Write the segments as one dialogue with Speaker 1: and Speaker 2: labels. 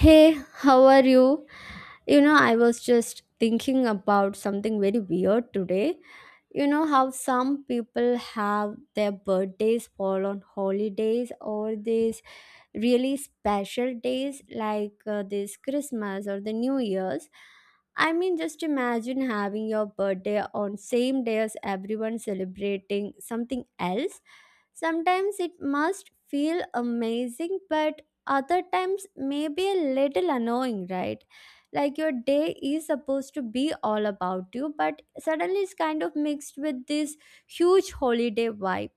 Speaker 1: Hey, how are you? You know, I was just thinking about something very weird today. You know how some people have their birthdays fall on holidays or these really special days like this Christmas or the New Year's. I mean, just imagine having your birthday on same day as everyone celebrating something else. Sometimes it must feel amazing, but other times maybe a little annoying, right? Like your day is supposed to be all about you, but suddenly it's kind of mixed with this huge holiday vibe.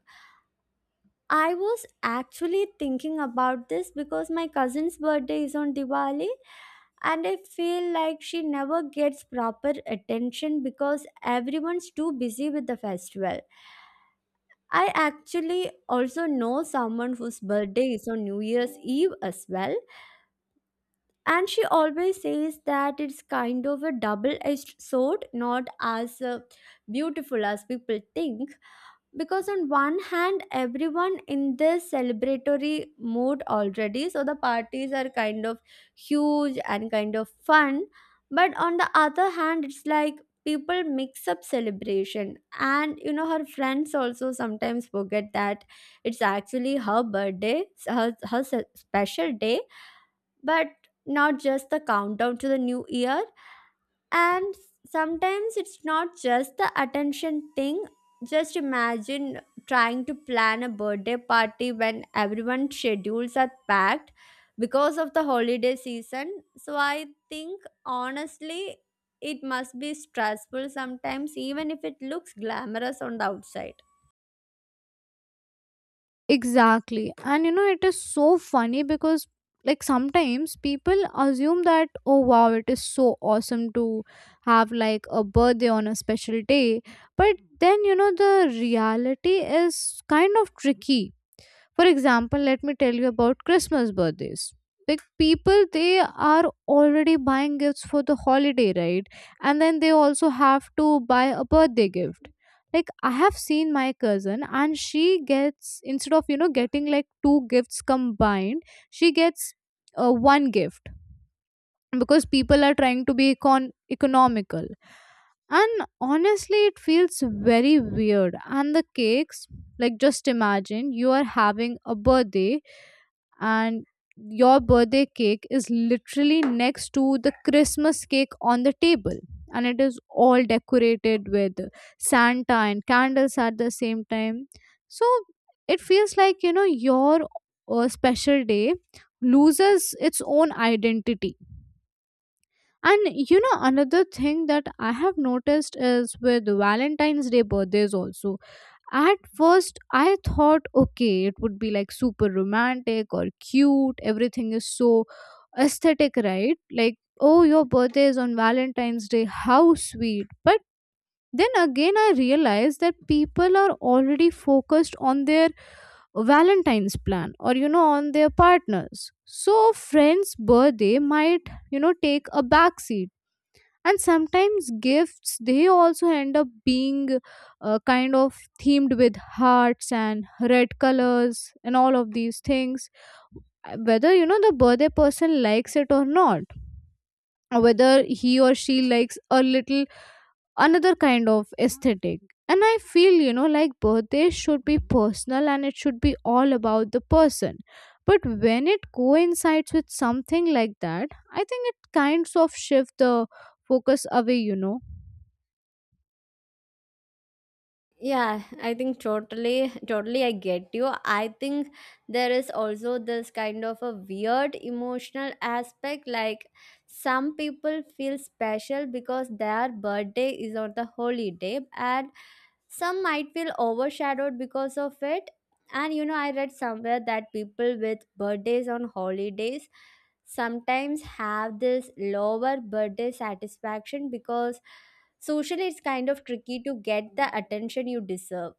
Speaker 1: I was actually thinking about this because my cousin's birthday is on Diwali, and I feel like she never gets proper attention because everyone's too busy with the festival. I actually also know someone whose birthday is on New Year's Eve as well, and she always says that it's kind of a double edged sword, not as beautiful as people think, because on one hand everyone in this celebratory mood already, so the parties are kind of huge and kind of fun, but on the other hand it's like people mix up celebration. And you know, her friends also sometimes forget that it's actually her birthday, her special day, but not just the countdown to the new year. And sometimes it's not just the attention thing. Just imagine trying to plan a birthday party when everyone's schedules are packed because of the holiday season. So I think honestly it must be stressful sometimes even if it looks glamorous on the outside.
Speaker 2: Exactly. And you know, it is so funny because, like, sometimes people assume that, oh wow, it is so awesome to have like a birthday on a special day. But then, you know, the reality is kind of tricky. For example, let me tell you about Christmas birthdays. Like, people, they are already buying gifts for the holiday, right? And then they also have to buy a birthday gift. Like, I have seen my cousin and she gets, instead of you know getting like two gifts combined, she gets one gift, because people are trying to be economical. And honestly it feels very weird. And the cakes, like, just imagine you are having a birthday and your birthday cake is literally next to the Christmas cake on the table, and it is all decorated with Santa and candles at the same time. So it feels like, you know, your special day loses its own identity. And you know, another thing that I have noticed is with Valentine's Day birthdays also. At first, I thought, okay, it would be like super romantic or cute. Everything is so aesthetic, right? Like, oh, your birthday is on Valentine's Day. How sweet. But then again, I realized that people are already focused on their Valentine's plan or, you know, on their partners. So, friends' birthday might, you know, take a backseat. And sometimes gifts, they also end up being kind of themed with hearts and red colors and all of these things. Whether, you know, the birthday person likes it or not, or whether he or she likes a little another kind of aesthetic. And I feel, you know, like birthdays should be personal and it should be all about the person. But when it coincides with something like that, I think it kinds of shift the focus away, you know.
Speaker 1: Yeah, I think totally, totally I get you. I think there is also this kind of a weird emotional aspect. Like some people feel special because their birthday is on the holiday, and some might feel overshadowed because of it. And you know, I read somewhere that people with birthdays on holidays sometimes have this lower birthday satisfaction because socially it's kind of tricky to get the attention you deserve.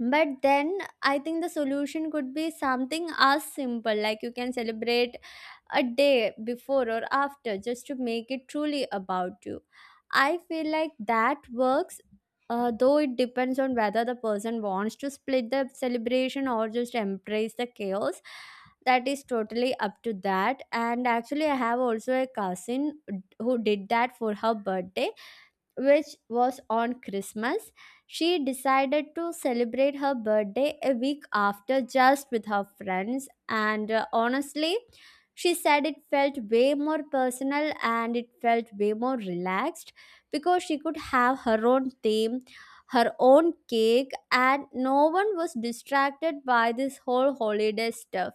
Speaker 1: But then I think the solution could be something as simple like you can celebrate a day before or after just to make it truly about you. I feel like that works, though it depends on whether the person wants to split the celebration or just embrace the chaos. That is totally up to that. And actually, I have also a cousin who did that for her birthday, which was on Christmas. She decided to celebrate her birthday a week after just with her friends. And honestly, she said it felt way more personal and it felt way more relaxed because she could have her own theme, her own cake, and no one was distracted by this whole holiday stuff.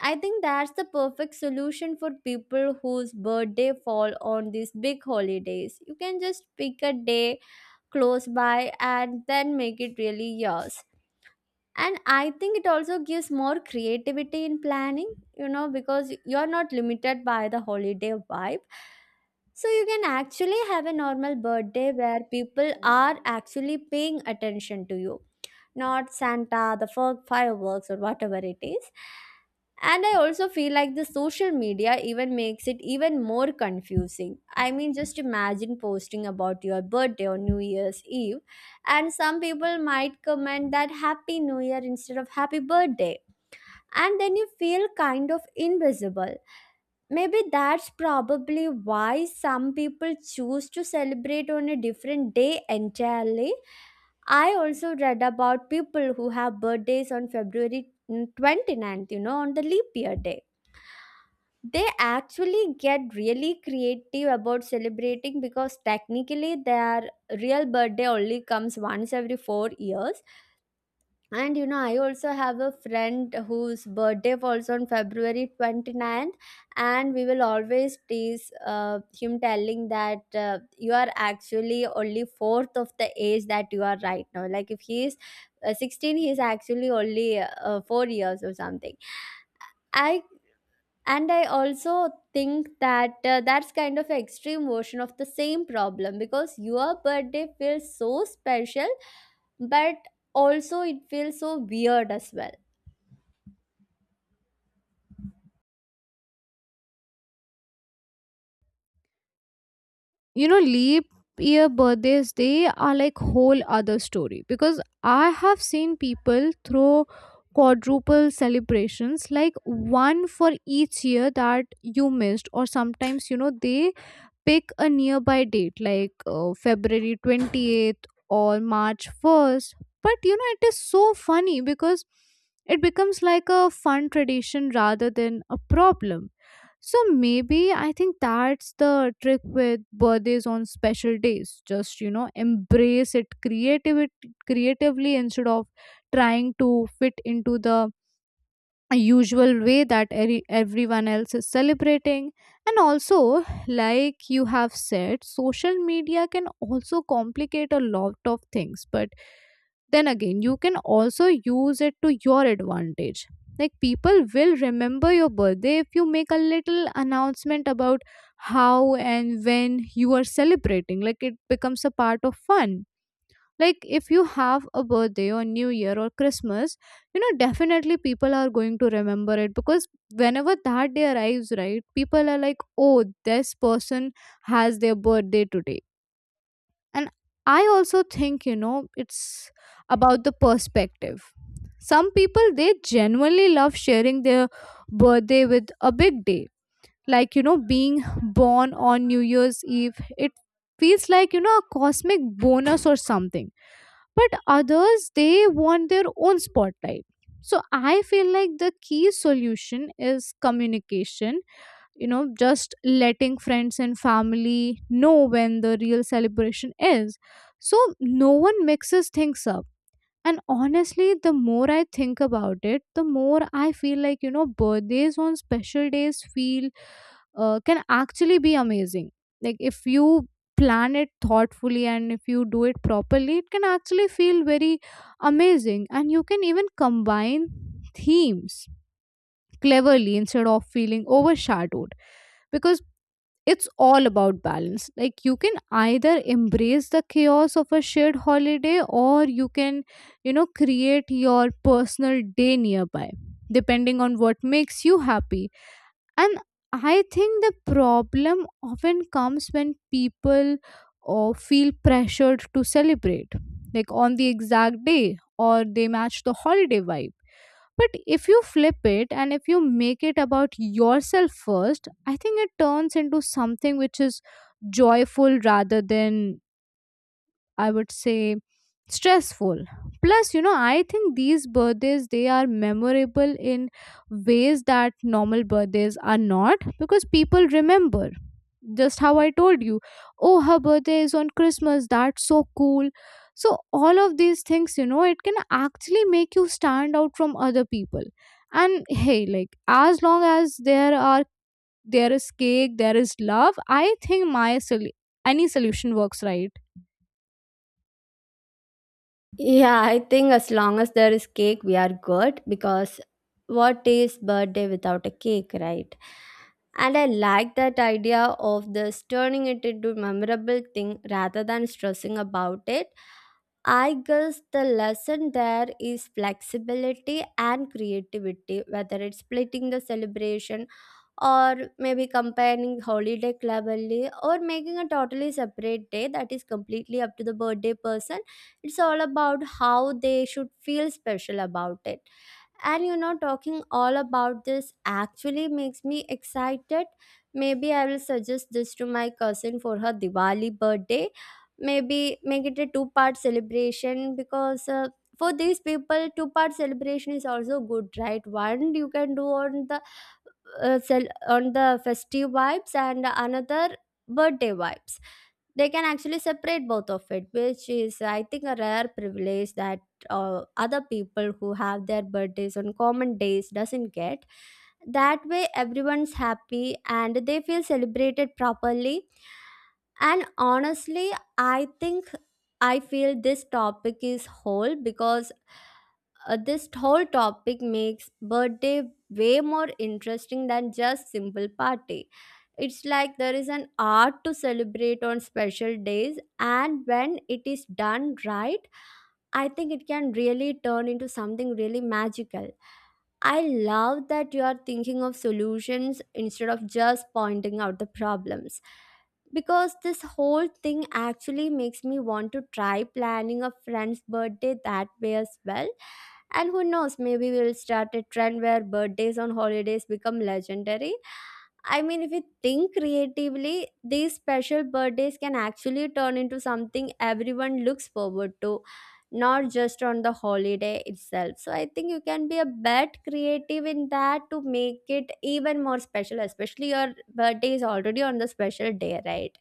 Speaker 1: I think that's the perfect solution for people whose birthday fall on these big holidays. You can just pick a day close by and then make it really yours. And I think it also gives more creativity in planning, you know, because you're not limited by the holiday vibe. So you can actually have a normal birthday where people are actually paying attention to you, not Santa, the fireworks, or whatever it is. And I also feel like the social media even makes it even more confusing. I mean, just imagine posting about your birthday or New Year's Eve, and some people might comment that Happy New Year instead of Happy Birthday, and then you feel kind of invisible. Maybe that's probably why some people choose to celebrate on a different day entirely. I also read about people who have birthdays on February twenty ninth. You know, on the leap year day. They actually get really creative about celebrating because technically their real birthday only comes once every 4 years. And you know, I also have a friend whose birthday falls on february 29th, and we will always tease him, telling that you are actually only fourth of the age that you are right now. Like if he is 16, he is actually only 4 years or something. I And I also think that that's kind of an extreme version of the same problem because your birthday feels so special, but also it feels so weird as well.
Speaker 2: You know, leap year birthdays, they are like whole other story, because I have seen people throw quadruple celebrations, like one for each year that you missed. Or sometimes, you know, they pick a nearby date, like february 28th or march 1st. But, you know, it is so funny because it becomes like a fun tradition rather than a problem. So maybe, I think that's the trick with birthdays on special days. Just, you know, embrace it creativity creatively instead of trying to fit into the a usual way that everyone else is celebrating. And also, like you have said, social media can also complicate a lot of things, but then again, you can also use it to your advantage. Like, people will remember your birthday if you make a little announcement about how and when you are celebrating. Like, it becomes a part of fun. Like, if you have a birthday or new year or Christmas, you know, definitely people are going to remember it, because whenever that day arrives, right, people are like, oh, this person has their birthday today. And I also think, you know, it's about the perspective. Some people, they genuinely love sharing their birthday with a big day. Like, you know, being born on New Year's Eve, it feels like, you know, a cosmic bonus or something. But others, they want their own spotlight. So I feel like the key solution is communication, you know, just letting friends and family know when the real celebration is, so no one mixes things up. And honestly, the more I think about it, the more I feel like, you know, birthdays on special days feel, can actually be amazing. Like, if you plan it thoughtfully and if you do it properly, it can actually feel very amazing. And you can even combine themes cleverly instead of feeling overshadowed, because it's all about balance. Like, you can either embrace the chaos of a shared holiday, or you can, you know, create your personal day nearby, depending on what makes you happy. And I think the problem often comes when people or feel pressured to celebrate, like, on the exact day, or they match the holiday vibe. But if you flip it and if you make it about yourself first, I think it turns into something which is joyful rather than, I would say, stressful. Plus, you know, I think these birthdays, they are memorable in ways that normal birthdays are not, because people remember, just how I told you, oh, her birthday is on Christmas, that's so cool. So, all of these things, you know, it can actually make you stand out from other people. And hey, like, as long as there are, there is cake, there is love, I think any solution works, right.
Speaker 1: Yeah, I think as long as there is cake, we are good, because what is birthday without a cake, right? And I like that idea of this turning it into memorable thing rather than stressing about it. I guess the lesson there is flexibility and creativity, whether it's splitting the celebration or maybe comparing holiday club only or making a totally separate day. That is completely up to the birthday person. It's all about how they should feel special about it. And you know, talking all about this actually makes me excited. Maybe I will suggest this to my cousin for her diwali birthday. Maybe make it a two-part celebration, because for these people two-part celebration is also good, right? One you can do on the on the festive vibes and another birthday vibes. They can actually separate both of it, which is I think a rare privilege that other people who have their birthdays on common days doesn't get. That way everyone's happy and they feel celebrated properly. And honestly, I think, I feel this topic is whole because this whole topic makes birthday way more interesting than just simple party. It's like there is an art to celebrate on special days, and when it is done right, I think it can really turn into something really magical. I love that you are thinking of solutions instead of just pointing out the problems, because this whole thing actually makes me want to try planning a friend's birthday that way as well. And who knows, maybe we'll start a trend where birthdays on holidays become legendary. I mean, if we think creatively, these special birthdays can actually turn into something everyone looks forward to, not just on the holiday itself. So I think you can be a bit creative in that to make it even more special, especially your birthday is already on the special day, right?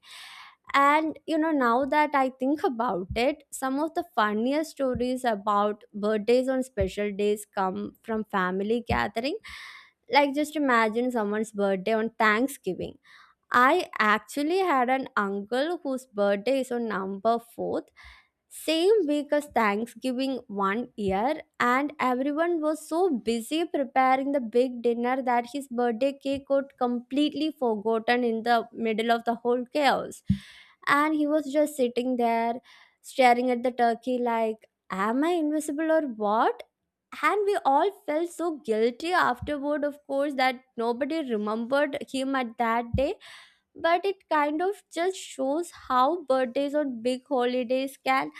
Speaker 1: And you know, now that I think about it, some of the funniest stories about birthdays on special days come from family gatherings. Like, just imagine someone's birthday on Thanksgiving. I actually had an uncle whose birthday is on number 4th, same week as Thanksgiving one year, and everyone was so busy preparing the big dinner that his birthday cake got completely forgotten in the middle of the whole chaos. And he was just sitting there staring at the turkey like, am I invisible or what? And we all felt so guilty afterward, of course, that nobody remembered him at that day. But it kind of just shows how birthdays on big holidays can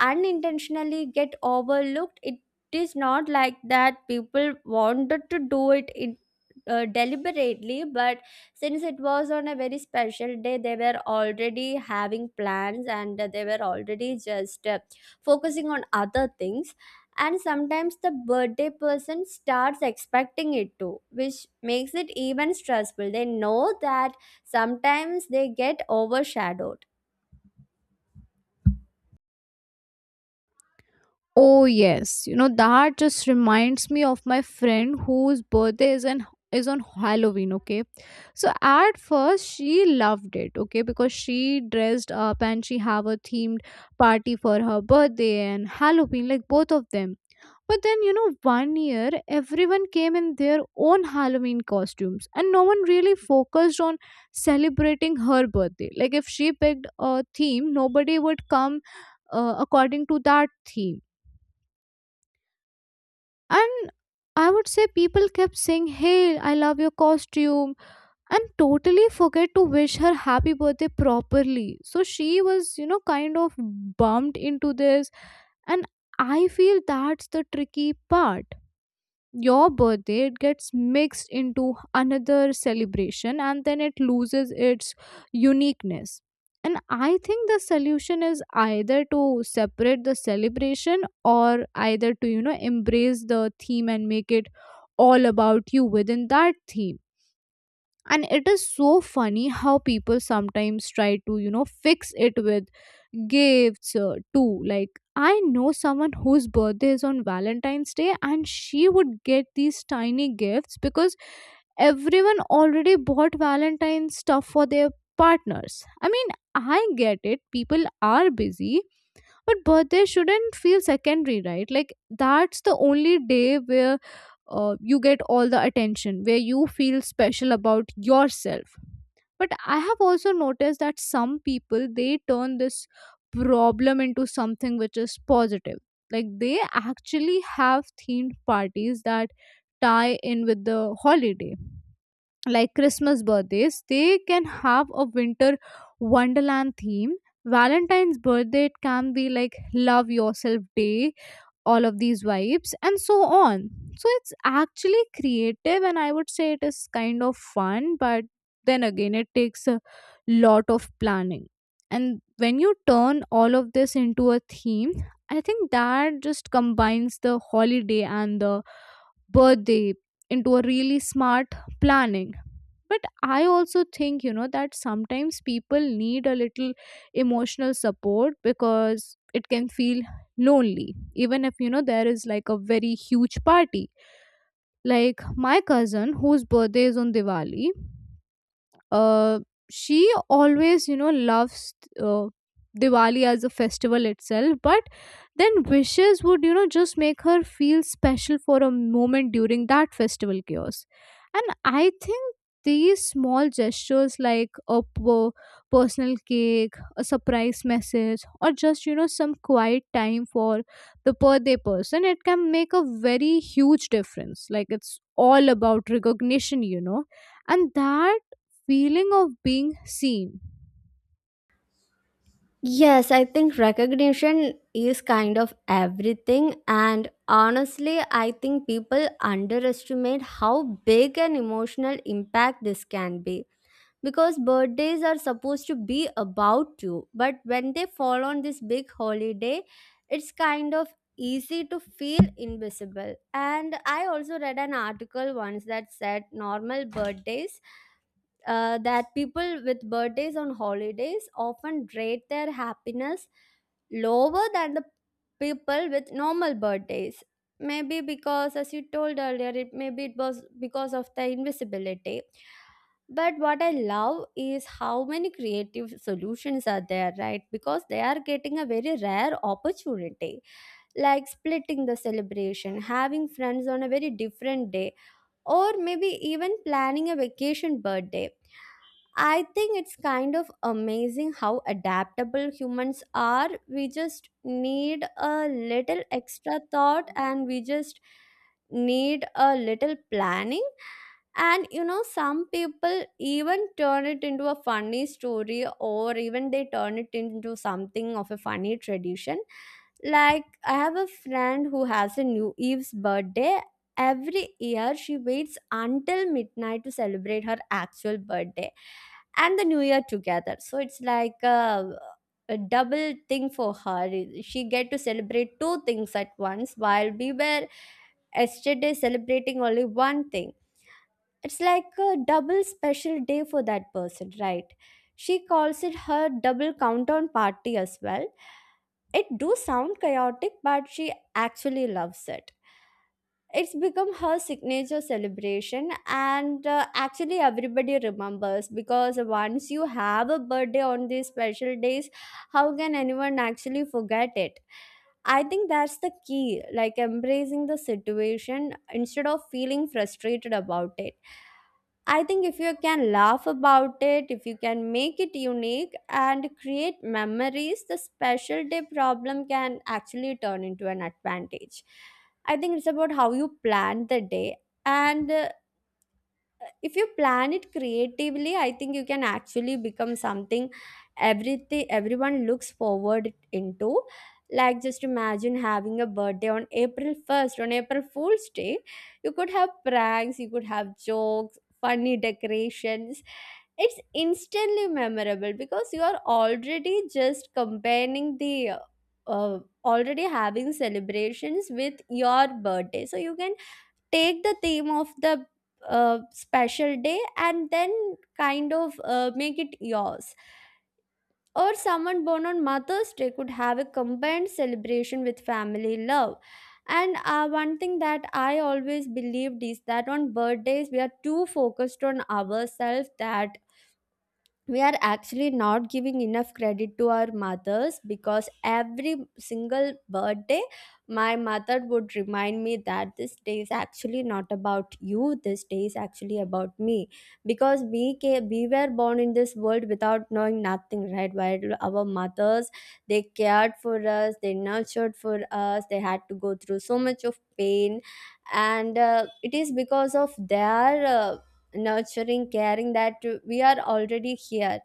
Speaker 1: unintentionally get overlooked. It is not like that people wanted to do it deliberately, but since it was on a very special day they were already having plans, and they were already just focusing on other things. And sometimes the birthday person starts expecting it too, which makes it even stressful. They know that sometimes they get overshadowed.
Speaker 2: Oh yes, you know, that just reminds me of my friend whose birthday is on Halloween, okay? So at first she loved it, okay, because she dressed up and she have a themed party for her birthday and Halloween, like both of them. But then, you know, one year everyone came in their own Halloween costumes and no one really focused on celebrating her birthday. Like, if she picked a theme, nobody would come according to that theme. And I would say people kept saying, hey, I love your costume, and totally forget to wish her happy birthday properly. So she was, you know, kind of bumped into this. And I feel that's the tricky part. Your birthday, it gets mixed into another celebration, and then it loses its uniqueness. And I think the solution is either to separate the celebration, or either to, you know, embrace the theme and make it all about you within that theme. And it is so funny how people sometimes try to, you know, fix it with gifts too. Like, I know someone whose birthday is on Valentine's Day, and she would get these tiny gifts because everyone already bought Valentine's stuff for their partners. I mean, I get it, people are busy, but birthday shouldn't feel secondary, right? Like, that's the only day where you get all the attention, where you feel special about yourself. But I have also noticed that some people, they turn this problem into something which is positive. Like, they actually have themed parties that tie in with the holiday. Like Christmas birthdays, they can have a winter wonderland theme. Valentine's birthday, it can be like love yourself day, all of these vibes and so on. So it's actually creative, and I would say it is kind of fun. But then again, it takes a lot of planning. And when you turn all of this into a theme, I think that just combines the holiday and the birthday into a really smart planning. But I also think, you know, that sometimes people need a little emotional support, because it can feel lonely, even if, you know, there is like a very huge party. Like my cousin, whose birthday is on Diwali, uh, she always, you know, loves uh, Diwali as a festival itself. But then wishes would, you know, just make her feel special for a moment during that festival chaos. And I think these small gestures, like a personal cake, a surprise message, or just, you know, some quiet time for the birthday person, it can make a very huge difference. Like, it's all about recognition, you know, and that feeling of being seen.
Speaker 1: Yes, I think recognition is kind of everything. And honestly, I think people underestimate how big an emotional impact this can be. Because birthdays are supposed to be about you, but when they fall on this big holiday, it's kind of easy to feel invisible. And I also read an article once that said normal birthdays, that people with birthdays on holidays often rate their happiness lower than the people with normal birthdays. Maybe because, as you told earlier, it maybe it was because of the invisibility. But what I love is how many creative solutions are there, right? Because they are getting a very rare opportunity, like splitting the celebration, having friends on a very different day, or maybe even planning a vacation birthday. I think it's kind of amazing how adaptable humans are. We just need a little extra thought, and we just need a little planning. And you know, some people even turn it into a funny story, or even they turn it into something of a funny tradition. Like, I have a friend who has a New Eve's birthday. Every year, she waits until midnight to celebrate her actual birthday and the new year together. So it's like a double thing for her. She get to celebrate two things at once, while we were yesterday celebrating only one thing. It's like a double special day for that person, right? She calls it her double countdown party as well. It do sound chaotic, but she actually loves it. It's become her signature celebration, and actually everybody remembers because once you have a birthday on these special days, how can anyone actually forget it? I think that's the key, like embracing the situation instead of feeling frustrated about it. I think if you can laugh about it, if you can make it unique and create memories, the special day problem can actually turn into an advantage. I think it's about how you plan the day. And If you plan it creatively, I think you can actually become something everything everyone looks forward into. Like, just imagine having a birthday on april 1st, on April Fool's Day. You could have pranks, you could have jokes, funny decorations. It's instantly memorable because you are already just comparing the uh, already having celebrations with your birthday, so you can take the theme of the special day and then kind of make it yours. Or someone born on Mother's Day could have a combined celebration with family love. And one thing that I always believed is that on birthdays, we are too focused on ourselves that we are actually not giving enough credit to our mothers. Because every single birthday, my mother would remind me that this day is actually not about you, this day is actually about me. Because we were born in this world without knowing nothing, right, while our mothers, they cared for us, they nurtured for us, they had to go through so much of pain. And it is because of their nurturing, caring that we are already here.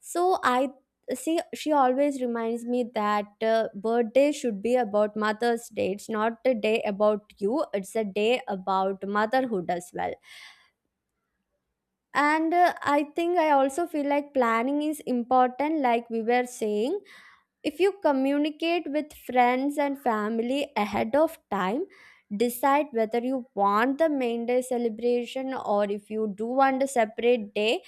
Speaker 1: So i see she always reminds me that birthday should be about mother's day. It's not a day about you, it's a day about motherhood as well. And I think I also feel like planning is important, like we were saying. If you communicate with friends and family ahead of time, decide whether you want the main day celebration or if you do want a separate day,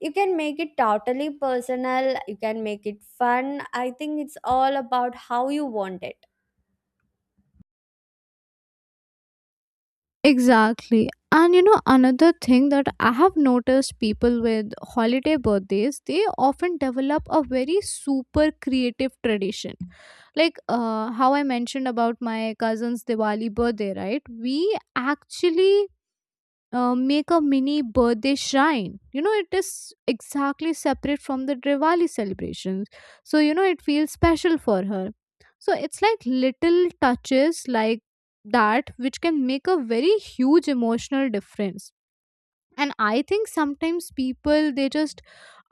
Speaker 1: you can make it totally personal, you can make it fun. I think it's all about how you want it.
Speaker 2: Exactly. And you know, another thing that I have noticed, people with holiday birthdays, they often develop a very super creative tradition. Like how I mentioned about my cousin's Diwali birthday, right? We actually, make a mini birthday shrine. You know, it is exactly separate from the Diwali celebrations. So, you know, it feels special for her. So, it's like little touches like that which can make a very huge emotional difference. And I think sometimes people, they just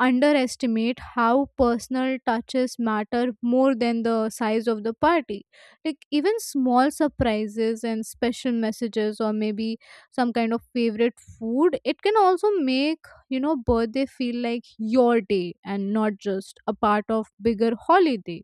Speaker 2: underestimate how personal touches matter more than the size of the party. Like, even small surprises and special messages, or maybe some kind of favorite food, it can also make, you know, birthday feel like your day and not just a part of bigger holiday.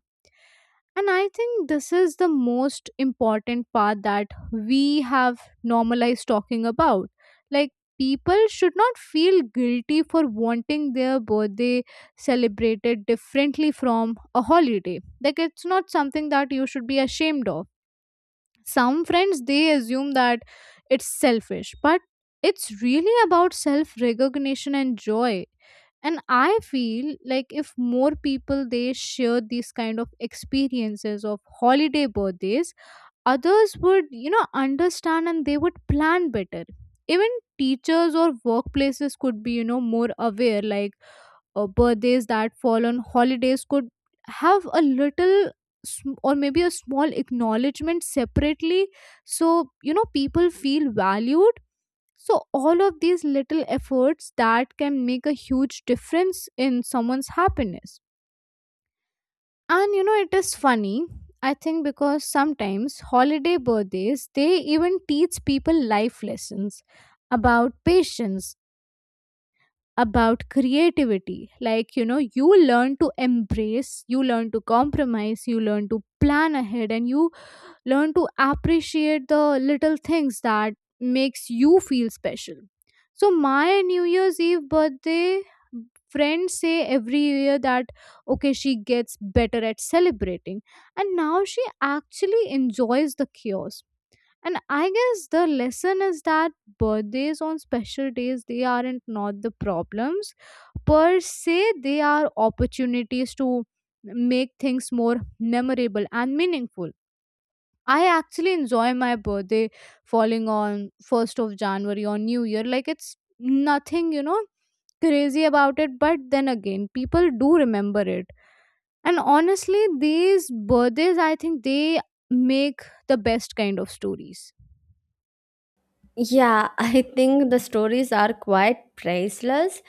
Speaker 2: And I think this is the most important part that we have normalized talking about. Like, people should not feel guilty for wanting their birthday celebrated differently from a holiday. Like, it's not something that you should be ashamed of. Some friends, they assume that it's selfish, but it's really about self recognition and joy. And I feel like if more people, they share these kind of experiences of holiday birthdays, others would, you know, understand and they would plan better. Even teachers or workplaces could be, you know, more aware. Like, birthdays that fall on holidays could have a little or maybe a small acknowledgement separately, so, you know, people feel valued. So all of these little efforts that can make a huge difference in someone's happiness. And you know, it is funny, I think, because sometimes holiday birthdays, they even teach people life lessons about patience, about creativity. Like, you know, you learn to embrace, you learn to compromise, you learn to plan ahead, and you learn to appreciate the little things that makes you feel special. So my New Year's Eve birthday friends say every year that, okay, she gets better at celebrating, and now she actually enjoys the chaos. And I guess the lesson is that birthdays on special days, they aren't not the problems per se, they are opportunities to make things more memorable and meaningful. I actually enjoy my birthday falling on 1st of January on New Year. Like, it's nothing, you know, crazy about it, but then again, people do remember it. And honestly, these birthdays, I think they make the best kind of stories.
Speaker 1: Yeah. I think the stories are quite priceless.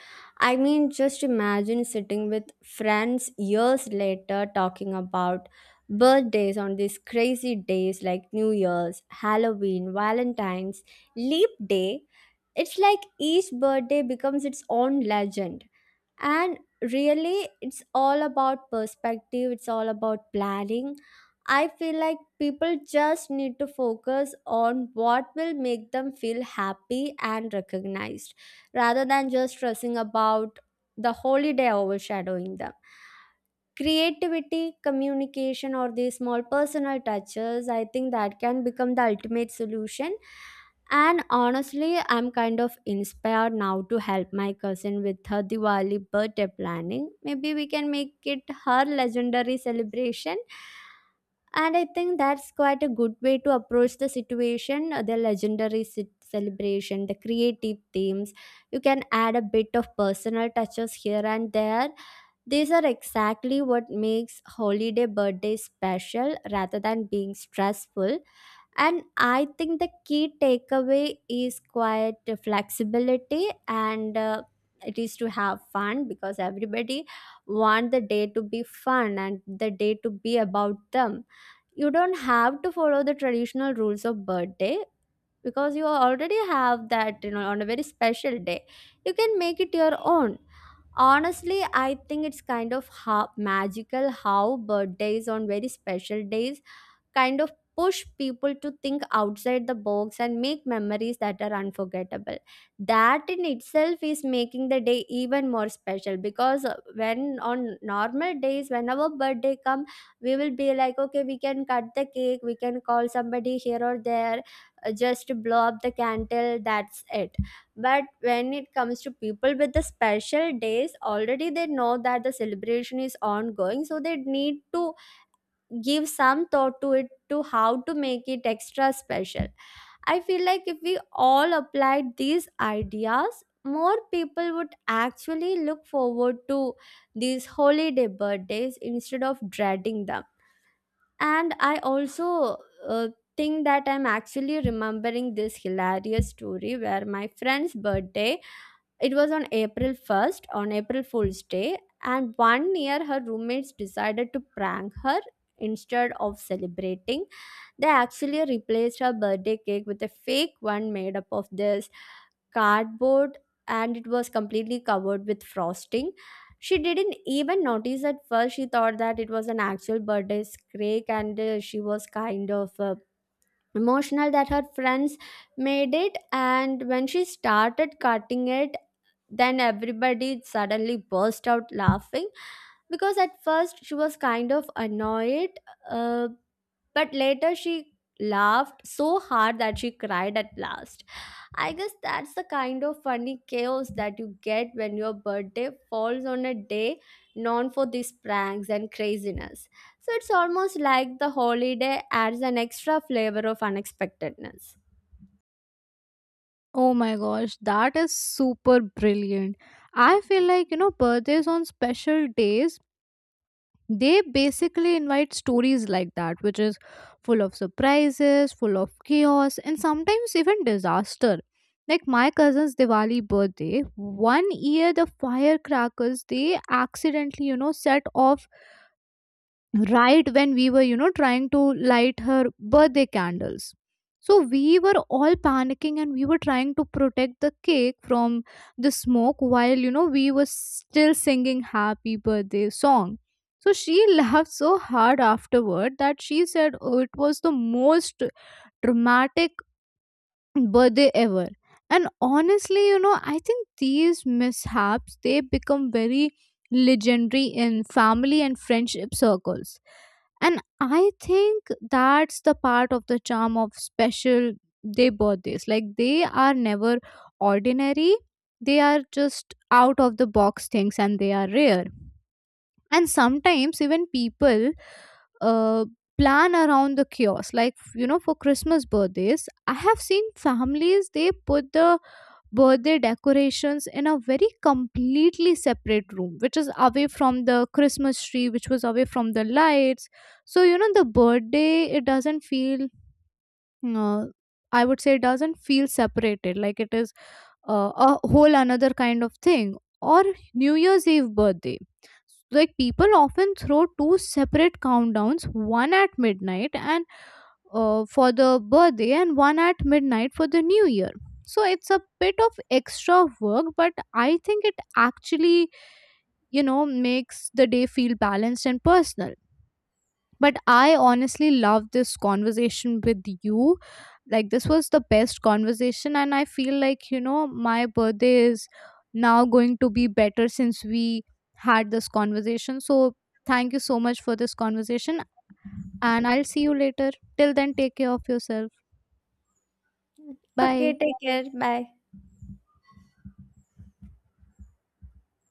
Speaker 1: I mean, just imagine sitting with friends years later talking about birthdays on these crazy days, like new year's, halloween, valentine's, leap day. It's like each birthday becomes its own legend. And really, it's all about perspective, it's all about planning. I feel like people just need to focus on what will make them feel happy and recognized, rather than just stressing about the holiday overshadowing them. Creativity, communication, or the small personal touches, I think that can become the ultimate solution. And honestly, I'm kind of inspired now to help my cousin with her Diwali birthday planning. Maybe we can make it her legendary celebration. And I think that's quite a good way to approach the situation, the legendary celebration, the creative themes. You can add a bit of personal touches here and there. These are exactly what makes holiday birthdays special rather than being stressful. And I think the key takeaway is quite flexibility, and it is to have fun, because everybody want the day to be fun and the day to be about them. You don't have to follow the traditional rules of birthday because you already have that, you know, on a very special day. You can make it your own. Honestly, I think it's kind of how magical how birthdays on very special days kind of push people to think outside the box and make memories that are unforgettable. That in itself is making the day even more special, because when on normal days when our birthday come, we will be like, okay, we can cut the cake, we can call somebody here or there, just to blow up the candle, that's it. But when it comes to people with the special days already, they know that the celebration is ongoing, so they need to give some thought to it, to how to make it extra special. I feel like if we all applied these ideas, more people would actually look forward to these holiday birthdays instead of dreading them. And I also uh, think that I'm actually remembering this hilarious story where my friend's birthday, it was on April 1st, on April Fool's Day, and one year her roommates decided to prank her. Instead of celebrating, they actually replaced her birthday cake with a fake one made up of this cardboard, and it was completely covered with frosting. She didn't even notice at first. She thought that it was an actual birthday cake, and she was kind of emotional that her friends made it. And when she started cutting it, then everybody suddenly burst out laughing. Because at first she was kind of annoyed, uh, but later she laughed so hard that she cried at last. I guess that's the kind of funny chaos that you get when your birthday falls on a day known for these pranks and craziness. So it's almost like the holiday adds an extra flavor of unexpectedness.
Speaker 2: Oh my gosh, that is super brilliant. I feel like, you know, birthdays on special days, they basically invite stories like that, which is full of surprises, full of chaos, and sometimes even disaster. Like my cousin's Diwali birthday, one year the firecrackers, they accidentally, you know, set off right when we were, you know, trying to light her birthday candles. So we were all panicking and we were trying to protect the cake from the smoke while, you know, we were still singing happy birthday song. So she laughed so hard afterward that she said, oh, it was the most dramatic birthday ever. And honestly, you know, I think these mishaps, they become very legendary in family and friendship circles. And I think that's the part of the charm of special day birthdays. Like, they are never ordinary, they are just out of the box things, and they are rare. And sometimes even people uh, plan around the kiosk. Like, you know, for Christmas birthdays, I have seen families, they put the birthday decorations in a very completely separate room, which is away from the Christmas tree, which was away from the lights. So, you know, the birthday, it doesn't feel, uh, I would say it doesn't feel separated, like it is a whole another kind of thing. Or New Year's Eve birthday, like people often throw two separate countdowns, one at midnight and for the birthday, and one at midnight for the new year. So it's a bit of extra work, but I think it actually, you know, makes the day feel balanced and personal. But I honestly love this conversation with you. Like, this was the best conversation, and I feel like, you know, my birthday is now going to be better since we had this conversation. So, thank you so much for this conversation, and I'll see you later. Till then, take care of yourself. Bye.
Speaker 1: Okay, take care. Bye.